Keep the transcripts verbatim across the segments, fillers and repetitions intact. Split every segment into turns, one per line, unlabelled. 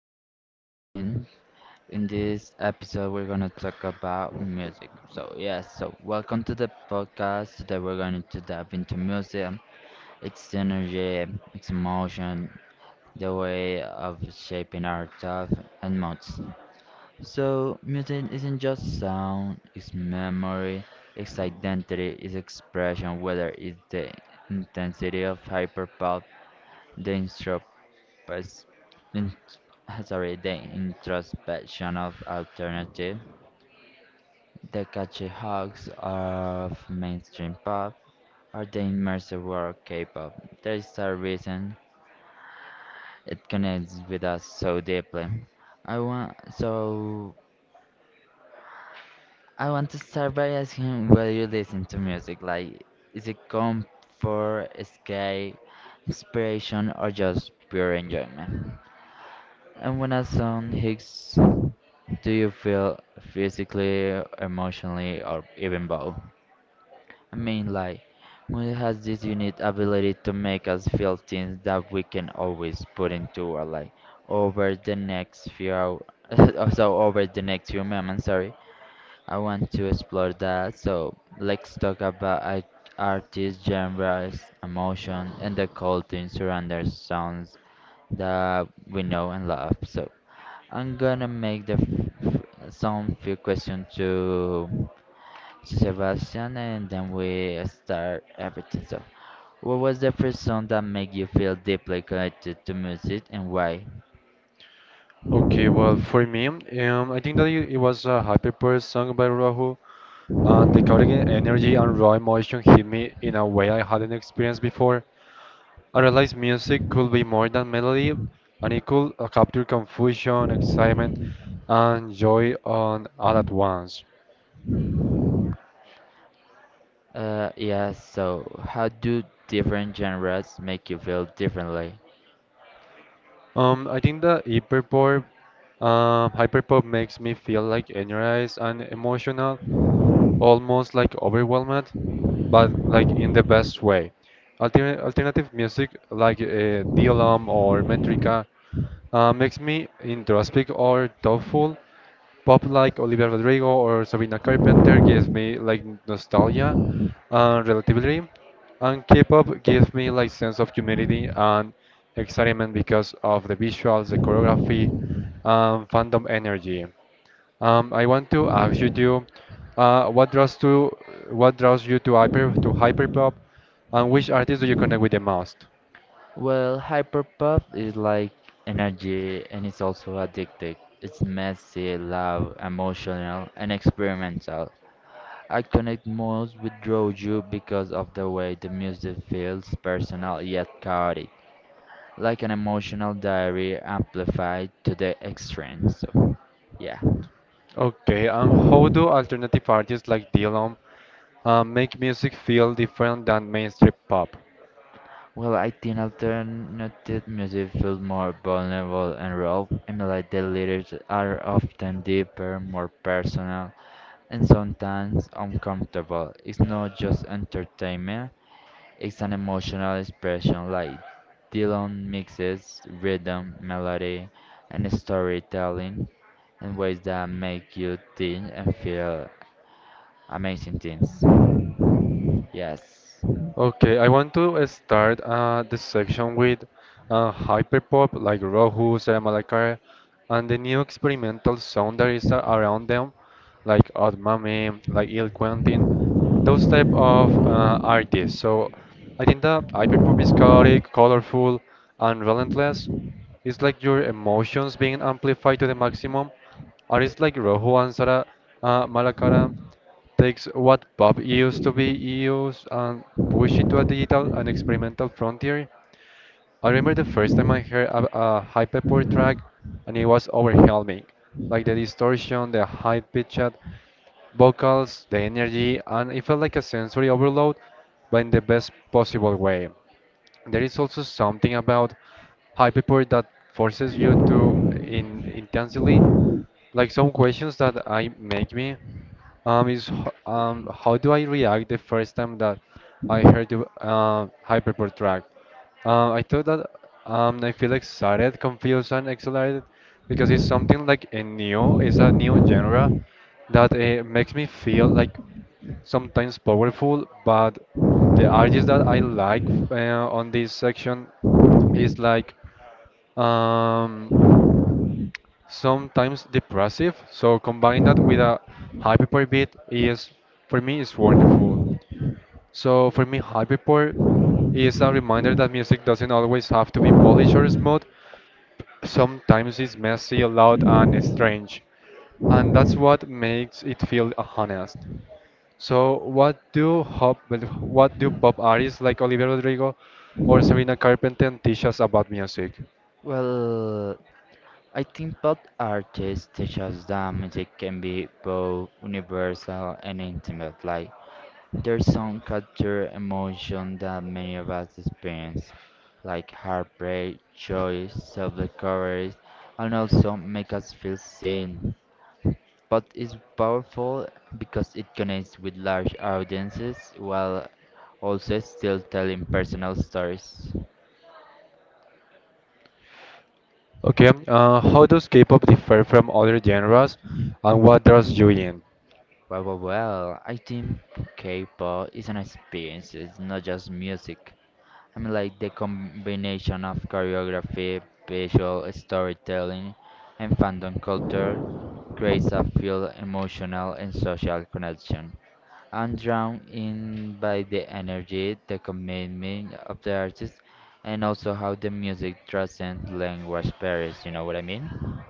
this is Kevin. In this episode, we're gonna talk about music. So yes, so welcome to the podcast. Today we're going to dive into music, its energy, its emotion, the way of shaping our thoughts and moods. So music isn't just sound; it's memory, it's identity, it's expression. Whether it's the intensity of hyperpop, the instru- first in, sorry, the introspection of alternative, the catchy hooks of mainstream pop, or the immersive world K-pop. There is a reason it connects with us so deeply. I want so I want to start by asking whether you listen to music. Like, is it comfort, escape, inspiration, or just pure enjoyment? And when a son hits, do you feel physically, emotionally, or even both? I mean, like, music has this unique ability to make us feel things that we can always put into our life over the next few hours. so over the next few moments, sorry, I want to explore that. So let's talk about art- artist genres, emotion, and the culture surrounding sounds that we know and love. So I'm gonna make the f- f- some few questions to to Sebastian, and then we start everything. So, what was the first song that made you feel deeply connected to music, and why?
Okay, well, for me, um, I think that it it was a hyperpower song by Rahul. Uh, the chaotic e- energy and raw emotion hit me in a way I hadn't experienced before. I realized music could be more than melody, and it could uh, capture confusion, excitement, and joy on all at once.
Uh, yeah. So, how do different genres make you feel differently?
Um, I think that hyperpower, um, hyperpop makes me feel like energized and emotional, almost like overwhelmed, but like in the best way. Alter alternative music like uh, D L M or Metrica uh, makes me introspect or thoughtful. Pop like Olivia Rodrigo or Sabrina Carpenter gives me like nostalgia and relativity, and K-pop gives me like sense of community and excitement because of the visuals, the choreography, and fandom energy. Um, I want to ask you to, uh, what draws to what draws you to hyper to hyperpop, and which artists do you connect with the most?
Well, hyperpop is like energy, and it's also addictive. It's messy, loud, emotional, and experimental. I connect most with Roju because of the way the music feels personal yet chaotic, like an emotional diary amplified to the extreme. So, yeah.
Okay, and how do alternative artists like Dylan uh, make music feel different than mainstream pop?
Well, I think alternative music feels more vulnerable and raw, and like the lyrics are often deeper, more personal, and sometimes uncomfortable. It's not just entertainment, it's an emotional expression, like Dylan mixes rhythm, melody, and storytelling in ways that make you think and feel amazing things. Yes.
Okay, I want to start uh, the section with uh, hyperpop like Rohu, Sarah Malakai, and the new experimental sound that is a- around them, like Admame, like Il Quentin, those type of uh, artists. So I think that hyperpop is chaotic, colorful, and relentless. It's like your emotions being amplified to the maximum. Artists like Rohu and Sarah uh, Malakai takes what pop used to be used and push it to a digital and experimental frontier. I remember the first time I heard a, a hyperpop track, and it was overwhelming, like the distortion, the high pitched vocals, the energy, and it felt like a sensory overload, but in the best possible way. There is also something about hyperpop that forces you to in, intensely. Like some questions that I make me um, is h- um, how do I react the first time that I heard the uh, Hyperport track? Uh, I thought that um, I feel excited, confused, and exhilarated because it's something like a new, it's a new genre that uh, makes me feel like sometimes powerful, but the artist that I like uh, on this section is like um, sometimes depressive. So combine that with a hyperbeat is for me is wonderful. So for me, hyperpop is a reminder that music doesn't always have to be polished or smooth. Sometimes it's messy, loud, and strange, and that's what makes it feel honest. So what do hop, well, what do pop artists like Olivia Rodrigo or Sabrina Carpenter teach us about music?
Well, I think pop artists teach us that music can be both universal and intimate. Like, their song capture emotion that many of us experience, like heartbreak, joy, self-discovery, and also make us feel seen. But it's powerful because it connects with large audiences while also still telling personal stories.
Okay, um, uh, how does K-pop differ from other genres, and what draws you in?
Well, well, well, I think K-pop is an experience, it's not just music. I mean, like the combination of choreography, visual storytelling, and fandom culture creates a feel emotional and social connection. I'm drawn in by the energy, the commitment of the artist, and also how the music transcends language barriers. You know what I mean?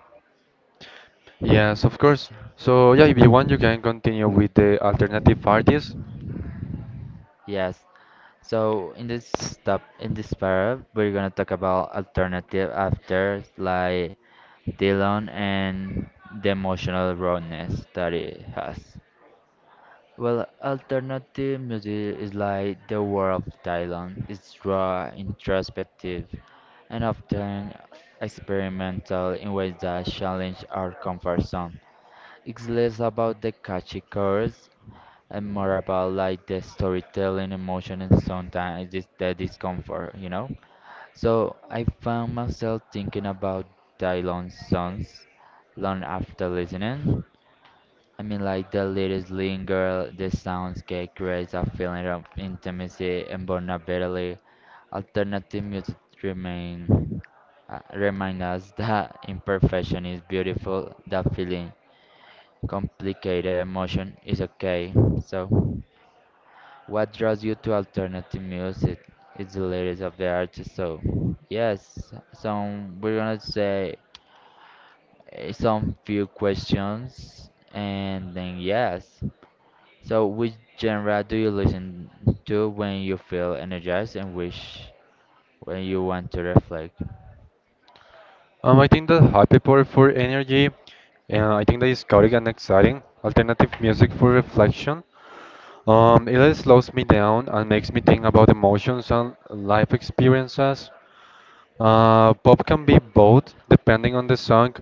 Yes, of course.
Yes.
So yeah, if you want, you can continue with the alternative artists.
Yes, so in this step, in this para, we're gonna talk about alternative after like Dylan and the emotional rawness that it has. Well, alternative music is like the world of Dylan. It's raw, introspective, and often experimental in ways that challenge our comfort zone. It's less about the catchy chords and more about like the storytelling, emotion, and sometimes it's the discomfort, you know? So I found myself thinking about Dylan songs long after listening. I mean, like the lyrics linger, the soundscape creates a feeling of intimacy and vulnerability. Alternative music remain, uh, remind us that imperfection is beautiful, that feeling complicated emotion is okay. So, what draws you to alternative music? It's the lyrics of the artist. So, yes, some we're gonna say eh, some few questions, and then yes. So, which genre do you listen to when you feel energized and which when you want to reflect?
Um, I think that happy power for energy, and I think that is chaotic and exciting. Alternative music for reflection. Um, it slows me down and makes me think about emotions and life experiences. Uh, pop can be both, depending on the song,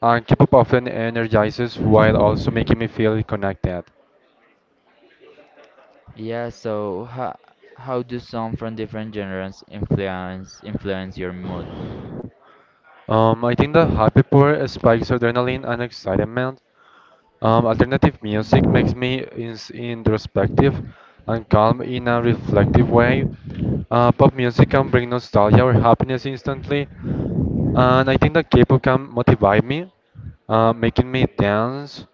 and K-pop often energizes while also making me feel connected.
Yeah. So, how how do songs from different genres influence influence your mood?
Um, I think that happy hour spikes adrenaline and excitement. Um, alternative music makes me ins introspective and calm in a reflective way. Uh, pop music can bring nostalgia or happiness instantly, and I think that K-pop can motivate me, uh, making me dance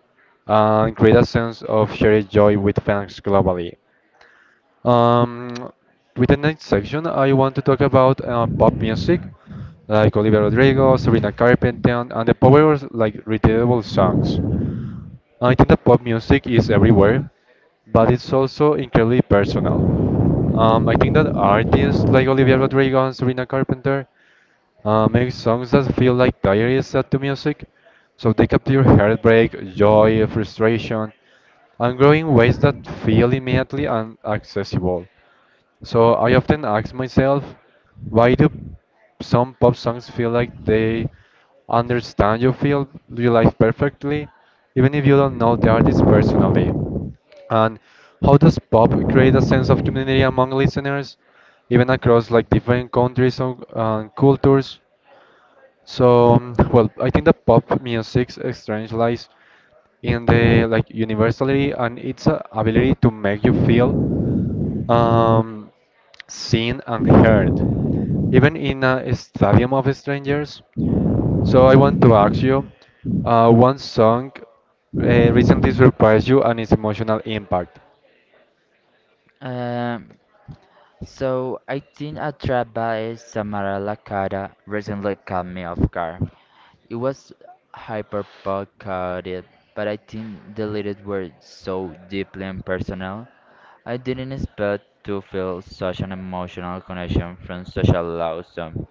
and create a sense of shared joy with fans globally. Um, with the next section, I want to talk about uh, pop music, like Olivia Rodrigo, Sabrina Carpenter, and the power of like relatable songs. I think that pop music is everywhere, but it's also incredibly personal. Um, I think that artists like Olivia Rodrigo and Sabrina Carpenter uh, make songs that feel like diaries set to music, so they capture heartbreak, joy, frustration, and grow in ways that feel immediately and accessible. So I often ask myself, why do some pop songs feel like they understand your feel your life perfectly, even if you don't know the artist personally? And how does pop create a sense of community among listeners, even across like different countries or uh, cultures? So, um, well, I think that pop music's strange lies in the like universality and its uh, ability to make you feel um, seen and heard, even in a stadium of strangers. So I want to ask you, uh, one song uh, recently surprised you and its emotional impact.
Um, So I think a trap by Samara Lakata recently caught me off guard. It was hyperbolic, but I think the lyrics were so deeply impersonal. I didn't expect to feel such an emotional connection from such a loud song.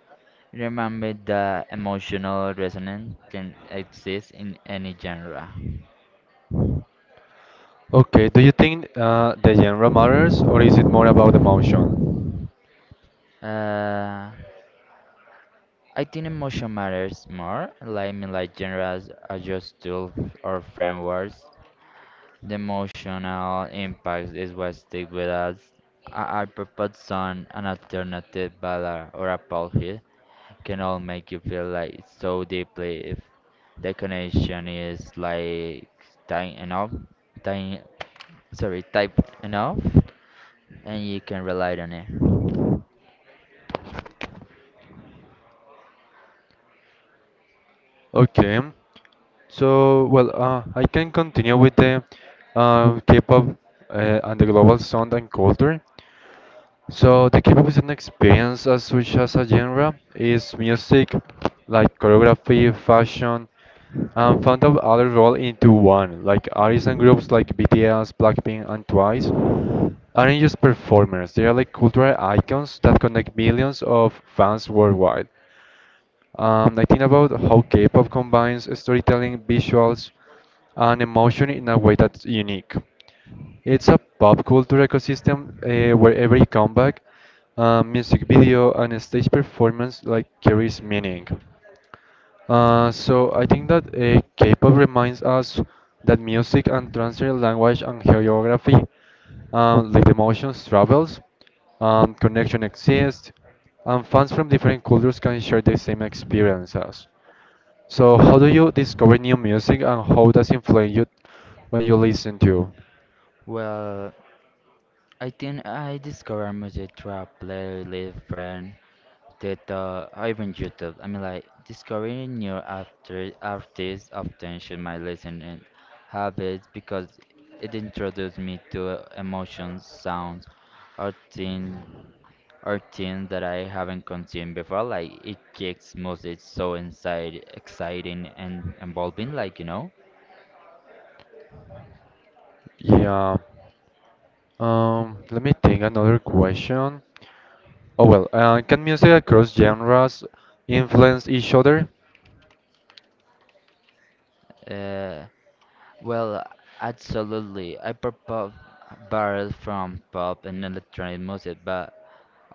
Remember that emotional resonance can exist in any genre.
Okay, do you think uh, the genre matters or is it more about emotion?
Uh, I think emotion matters more. Like, I mean, like genres are just tools or frameworks. The emotional impact is what sticks with us. A I propose song, an alternative ballad, or a pop hit can all make you feel like so deeply if the connection is like tight enough, tight, sorry, tight enough, and you can rely on it.
Okay, so well, uh, I can continue with the uh, K-pop uh, and the global sound and culture. So the K-pop experience as such as a genre is music, like choreography, fashion, and found out other roll into one. Like artists and groups like B T S, Blackpink, and Twice aren't just performers; they are like cultural icons that connect millions of fans worldwide. Um, I think about how K-pop combines storytelling, visuals, and emotion in a way that's unique. It's a pop culture ecosystem uh, where every comeback, uh, music video, and stage performance like carries meaning. Uh, so I think that uh, K-pop reminds us that music and transfer language and choreography, um, like emotions, travels, um, connection exists, and fans from different cultures can share the same experiences. So how do you discover new music and how does it influence you when you listen to?
Well, I think I discovered music through a playlist friend. that uh, even YouTube. I mean, like discovering new after artists often shape my listening habits because it introduced me to uh, emotions, sounds, or things, or things that I haven't consumed before. Like it kicks music so inside, exciting and involving. Like you know,
Yeah. Um, let me think another question. Oh well, uh, can music across genres influence each other?
uh, well, absolutely. I propose barrel from pop and electronic music, but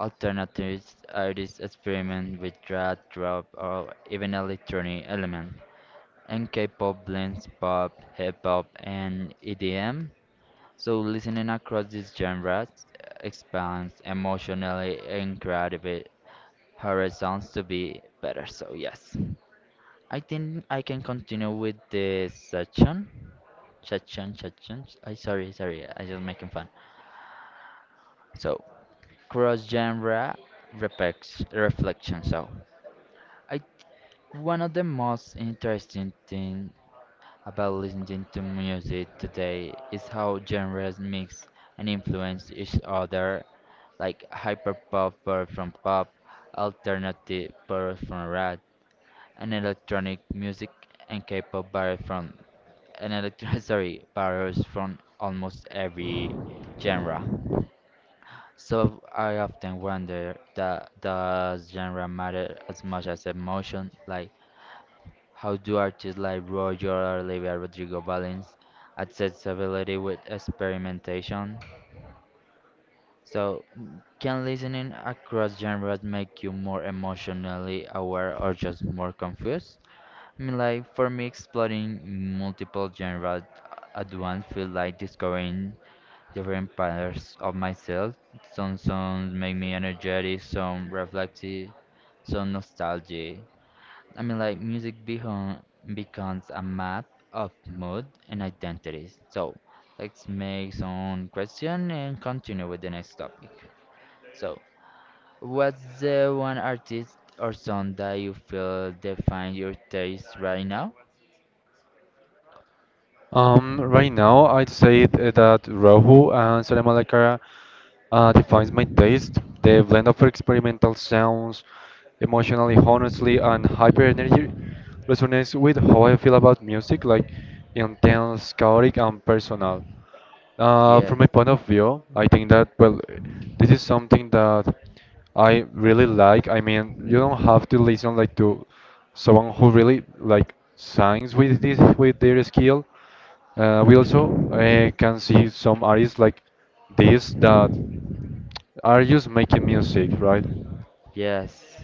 alternatives are these experiment with drag, drop, or even electronic element. And K-pop blends pop, hip-hop, and E D M. So listening across these genres expands emotionally and creatively horizons to be better. So yes, I think I can continue with this section. Section, section. I sorry, sorry. I just making fun. So cross genre reflex reflection. So. I one of the most interesting things about listening to music today is how genres mix and influence each other, like hyperpop birth from pop, alternative birth from rap, and electronic music and K-pop vary from and electro sorry varies from almost every genre. So I often wonder that does genre matter as much as emotion, like how do artists like Roger or Olivia Rodrigo balance accessibility with experimentation? So, mm, can listening across genres make you more emotionally aware or just more confused? I mean, like, for me, exploring multiple genres at once feels like discovering different parts of myself. Some songs make me energetic, some reflective, some nostalgic. I mean, like music become, becomes a map of mood and identities. So let's make some question and continue with the next topic. So, what's the one artist or song that you feel define your taste right now?
Um, right now, I'd say th- that Rohu and Sara Malacara uh, defines my taste. The blend of experimental sounds, emotionally honestly, and hyper energy resonates with how I feel about music, like intense, chaotic, and personal. Uh,
Yeah,
from my point of view, I think that, well, this is something that I really like. I mean, you don't have to listen like to someone who really like signs with this with their skill. Uh, we also uh, can see some artists like this that are just making music, right?
yes.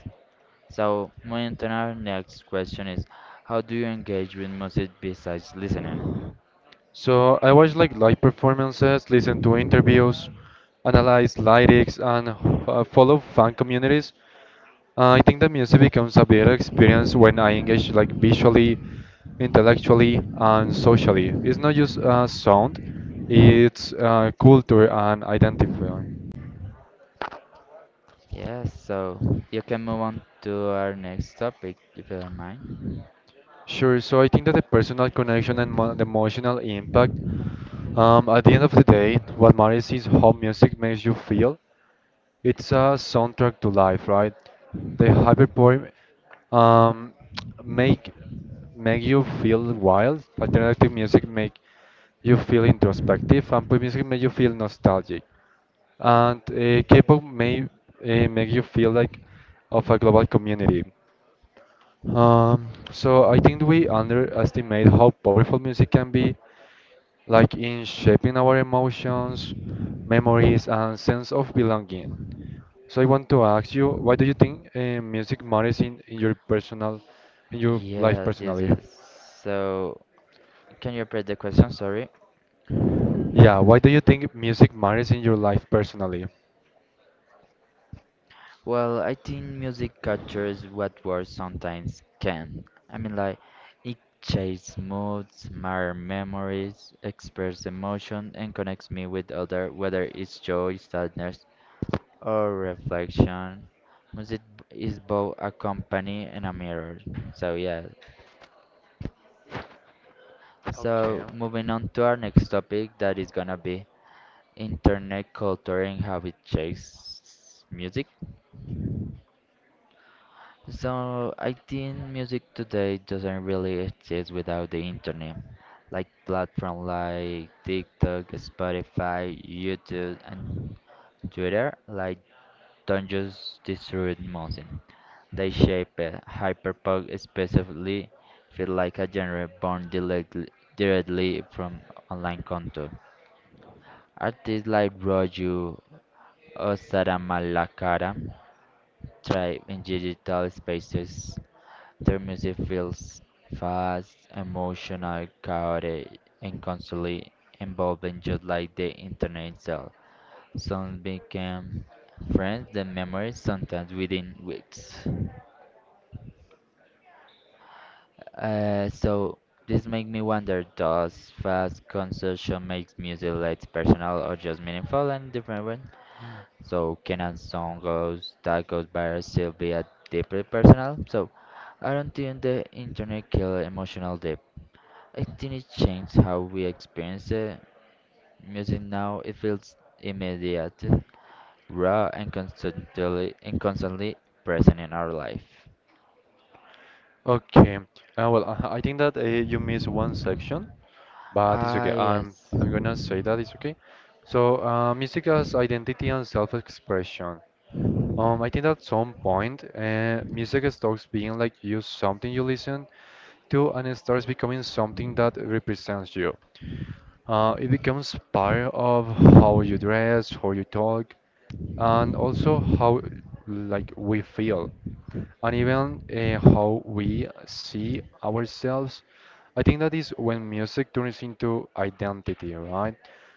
So, moving to our next question is, how do you engage with music besides listening?
So I watch like live performances, listen to interviews, analyze lyrics, and uh, follow fan communities Uh, I think that music becomes a better experience when I engage like visually, intellectually, and socially. It's not just uh, sound, it's uh, culture and identity.
Yes, so you can move on to our next topic if you don't mind.
Sure, so I think that the personal connection and mo- the emotional impact, um, at the end of the day, what matters is how music makes you feel It's a soundtrack to life, right? The hyperpoem um, make make you feel wild. Alternative music make you feel introspective, and pop music make you feel nostalgic. And uh, K-pop may uh, make you feel like of a global community. Um, so I think we underestimate how powerful music can be like in shaping our emotions, memories, and sense of belonging. So I want to ask you, why do you think uh, music matters in, in your personal, in your life
Yes, yes,
personally?
yes. So, can you repeat the question? Sorry.
Yeah, why do you think music matters in your life personally?
Well, I think music captures what words sometimes can. I mean, like, it shapes moods, mirrors memories, expresses emotion, and connects me with other, whether it's joy, sadness, or reflection. Music b- is both a company and a mirror. So, yeah.
Okay.
So, moving on to our next topic, that is gonna be internet culture and how it shapes music. So I think music today doesn't really exist without the internet. Like platforms like TikTok, Spotify, YouTube, and Twitter, like don't just destroy music. They shape it. Hyperpunk specifically feel like a genre born directly, directly from online content. Artists like light Osaramalakara thrive in digital spaces. Their music feels fast, emotional, chaotic, and constantly evolving just like the internet itself. Some became friends, then memories, sometimes within weeks. Uh, so this make me wonder, does fast consumption makes music less personal or just meaningful and different one? So can a song goes that goes viral still be a deeply personal? So I don't think the internet kill emotional depth. I think it changed how we experience it. Music now it feels immediate, raw and constantly and constantly present in our life.
Okay, uh, well, uh, I think that uh, you missed one section, but it's
Ah
okay. I'm
yes.
I'm gonna say that it's okay. So, uh, music as identity and self-expression. Um, I think at some point, uh, music stops being like just something you listen to and it starts becoming something that represents you. Uh, it becomes part of how you dress, how you talk, and also how like we feel and even uh, how we see ourselves. I think that is when music turns into identity, right?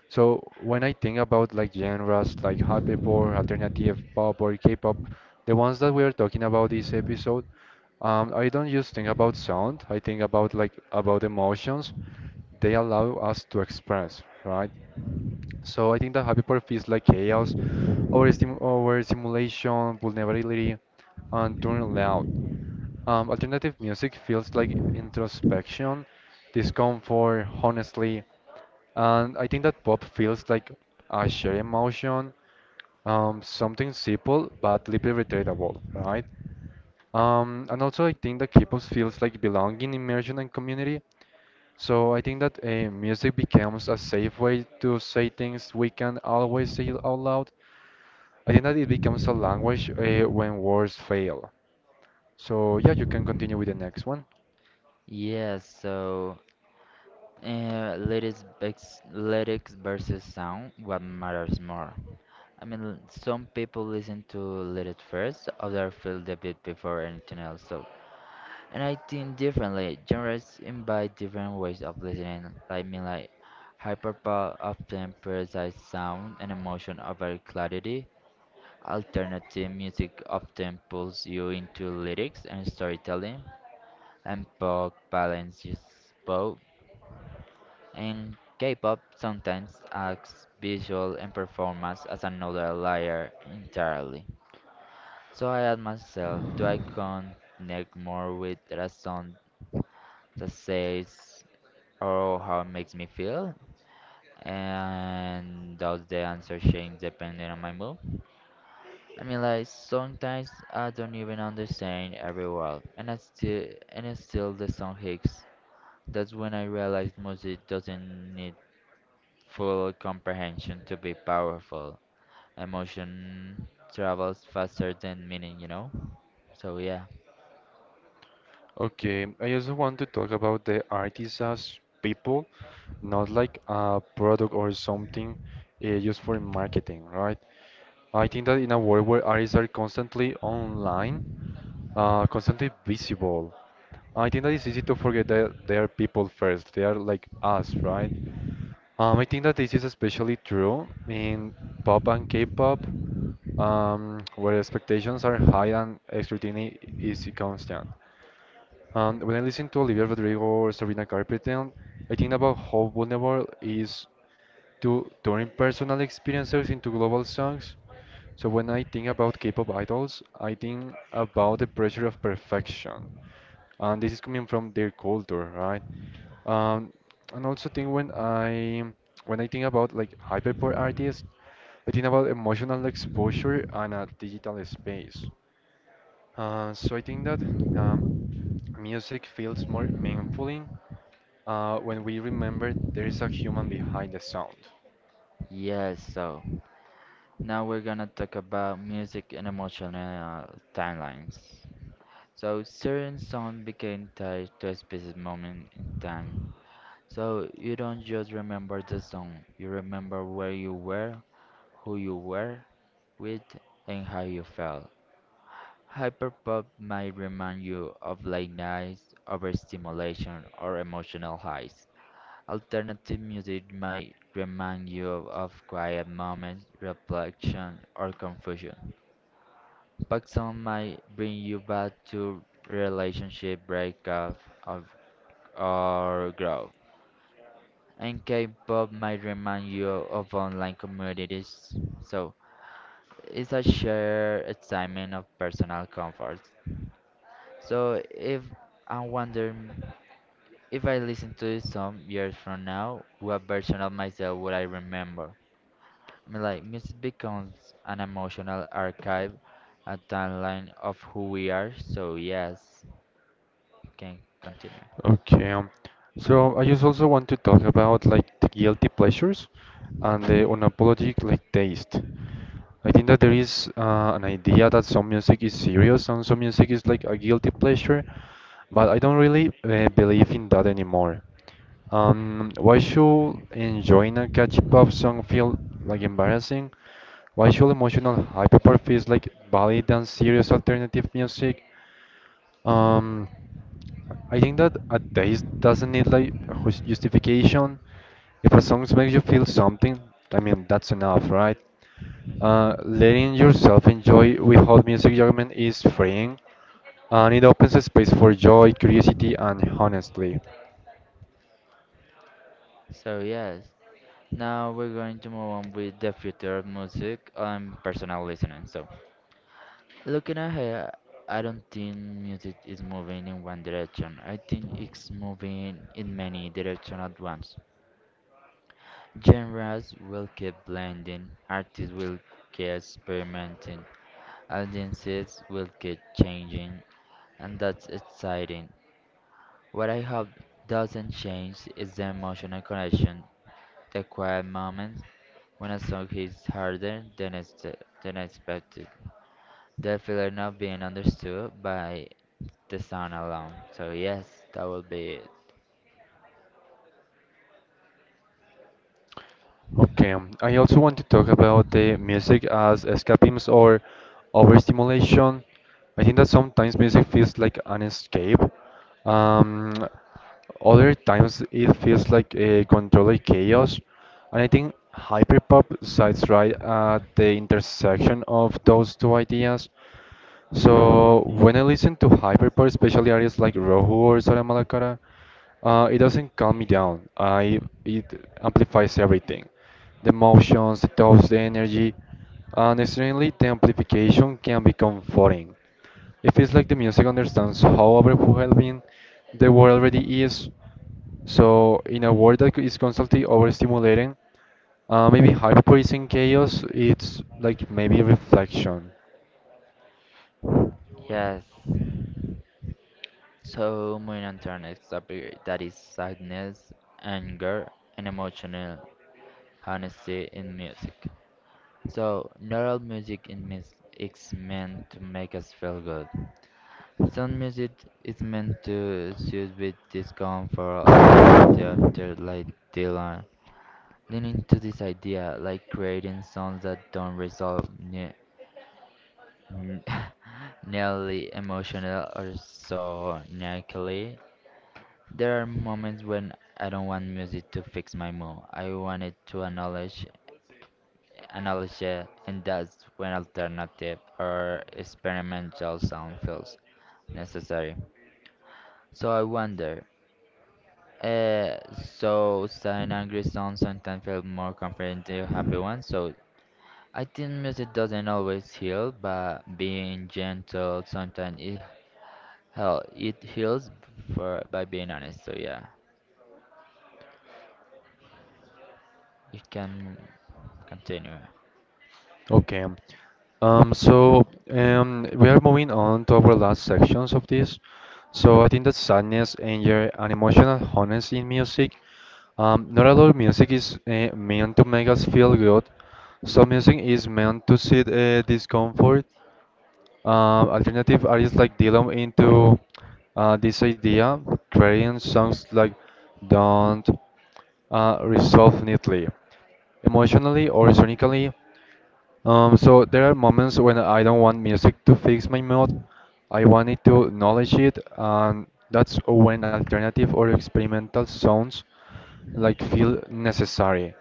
So when I think about like genres like hyperpop, alternative pop, or K-pop, the ones that we are talking about this episode, um, I don't just think about sound. I think about like about emotions they allow us to express, right? So I think that hyperpop feels like chaos, overstim overstimulation, vulnerability, and turning loud. Um, alternative music feels like introspection, discomfort, honestly, and I think that pop feels like a shared emotion, um, something simple but deeply relatable, right? Um, and also, I think that K-pop feels like belonging, immersion, and community. So I think that uh, music becomes a safe way to say things we can always say out loud. I think that it becomes a language uh, when words fail. So yeah, you can continue with the next one.
Yeah, so uh, lyrics, vex- lyrics versus sound, what matters more? I mean, some people listen to lyrics first, others feel the beat before anything else. So, and I think differently. Genres invite different ways of listening. like, I mean, like hyperpop often prioritizes sound and emotion over clarity. Alternative music often pulls you into lyrics and storytelling, and pop balances both. In K-pop, sometimes acts, visual, and performance as another layer entirely. So I ask myself, do I connect more with the song that says or how it makes me feel? And does the answer change depending on my mood? I mean, like sometimes I don't even understand every word, and I still and it's still the song hits. That's when I realize music doesn't need full comprehension to be powerful. Emotion travels faster than meaning, you know? So, yeah.
Okay, I also want to talk about the artists as people, not like a product or something uh, used for marketing, right? I think that in a world where artists are constantly online, uh, constantly visible, I think that it's easy to forget that they are people first. They are like us, right? Um, I think that this is especially true in pop and K-pop, um, where expectations are high and scrutiny is constant. And when I listen to Olivia Rodrigo or Sabrina Carpenter, I think about how vulnerable is to turning personal experiences into global songs. So when I think about K-pop idols, I think about the pressure of perfection, and this is coming from their culture, right? Um, and also think when I when I think about like hyperpop artists, I think about emotional exposure and a digital space. Uh, so I think that um, music feels more meaningfully Uh, when we remember there is a human behind the sound.
Yes, so now we're gonna talk about music and emotional uh, timelines. So, certain song became tied to a specific moment in time. So, you don't just remember the song, you remember where you were, who you were with, and how you felt. Hyperpop might remind you of late nights, overstimulation, or emotional highs. Alternative music might remind you of quiet moments, reflection, or confusion. Pop song might bring you back to relationship breakup of or growth. And K-pop might remind you of online communities. So it's a shared excitement of personal comfort. So if I wonder m- if I listen to it some years from now, what version of myself would I remember? I mean, like music becomes an emotional archive, a timeline of who we are. So yes, can continue.
Okay. um, So I just also want to talk about like the guilty pleasures and the unapologetic like taste. I think that there is uh, an idea that some music is serious and some music is like a guilty pleasure, but I don't really uh, believe in that anymore. Um, why should enjoying a catchy pop song feel like embarrassing? Why should emotional hyperpop feels like valid and serious alternative music? Um, I think that a taste doesn't need like a jus- justification. If a song makes you feel something, I mean that's enough, right? Uh, letting yourself enjoy without music judgment is freeing, and it opens a space for joy, curiosity, and honestly.
So yes, now we're going to move on with the future of music and personal listening. So looking ahead, I don't think music is moving in one direction. I think it's moving in many directions at once. Genres will keep blending, artists will keep experimenting, audiences will keep changing, and that's exciting. What I hope doesn't change is the emotional connection, the quiet moments when a song hits harder than, ex- than expected, the feeling of being understood by the sound alone. So, yes, that will be it.
Okay, um, I also want to talk about the music as escapism or overstimulation. I think that sometimes music feels like an escape. Um, Other times it feels like a controlled chaos. And I think hyperpop sides right at the intersection of those two ideas. So when I listen to hyperpop, especially artists like Rohu or Sara Malacara, uh, it doesn't calm me down. I It amplifies everything, the emotions, the thoughts, the energy, and extremely the amplification can be comforting. It feels like the music understands how overwhelming the world already is. So in a world that is constantly overstimulating, uh, maybe hyperpop is in chaos. It's like maybe reflection.
Yes. So, moving on to our next topic, that is sadness, anger, and emotional honesty in music. So, not all music in mis- is meant to make us feel good. Some music is meant to soothe with discomfort, alternative
Okay.
to like Dylan, leaning to this idea, like creating songs that don't resolve ne- nearly emotional or so sonically. There are moments when I don't want music to fix my mood. I want it to acknowledge, acknowledge it, and that's when alternative or experimental sound feels necessary. So I wonder. Uh, so sad and angry songs sometimes feel more comforting than happy ones. So I think music doesn't always heal, but being gentle sometimes it hell it heals for by being honest. So yeah, you can continue.
Um, so um, we are moving on to our last sections of this. So I think that sadness, anger, and emotional honesty in music. Um, not all music is uh, meant to make us feel good. Some music is meant to seed uh, discomfort. Um, alternative artists like Dylan into uh, this idea, creating songs like "Don't" uh, resolve neatly, emotionally or sonically. Um, so there are moments when I don't want music to fix my mood. I want it to acknowledge it, and that's when alternative or experimental sounds like feel necessary.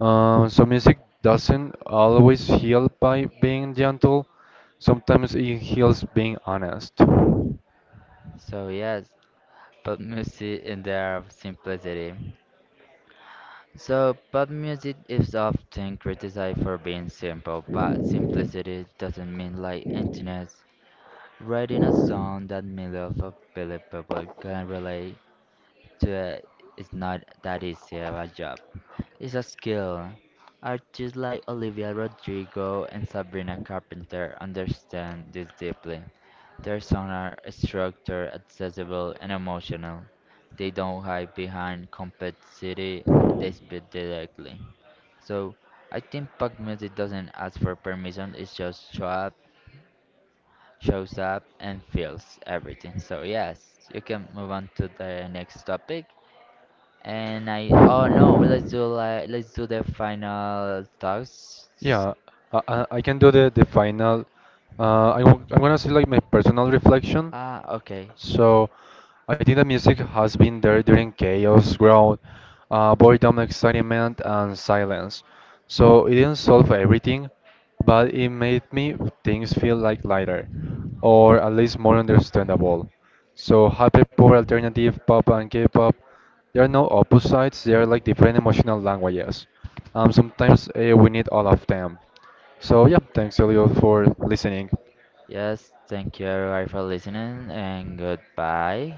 Um, so music doesn't always heal by being gentle. Sometimes it heals being honest.
So yes, pop music in their simplicity. So pop music is often criticized for being simple, but simplicity doesn't mean like emptiness. Writing a song that millions of Philip people can relate to, it's not that easy of a job. It's a skill. Artists like Olivia Rodrigo and Sabrina Carpenter understand this deeply. Their songs are structured, accessible, and emotional. They don't hide behind complexity, they speak directly. So, I think pop music doesn't ask for permission, it just show up, shows up and feels everything. So, yes, you can move on to the next topic. And I oh no, well, let's do like let's do the final thoughts.
Yeah, I, I I can do the, the final. Uh, I am gonna say like my personal reflection.
Ah, okay.
So I think that music has been there during chaos, growth, uh, boredom, excitement, and silence. So it didn't solve everything, but it made me things feel like lighter, or at least more understandable. So happy pop, alternative pop, and K-pop, they are no opposites. They are like different emotional languages. Um, sometimes uh, we need all of them. So yeah, thanks Elliot for listening.
Yes, thank you everybody for listening and goodbye.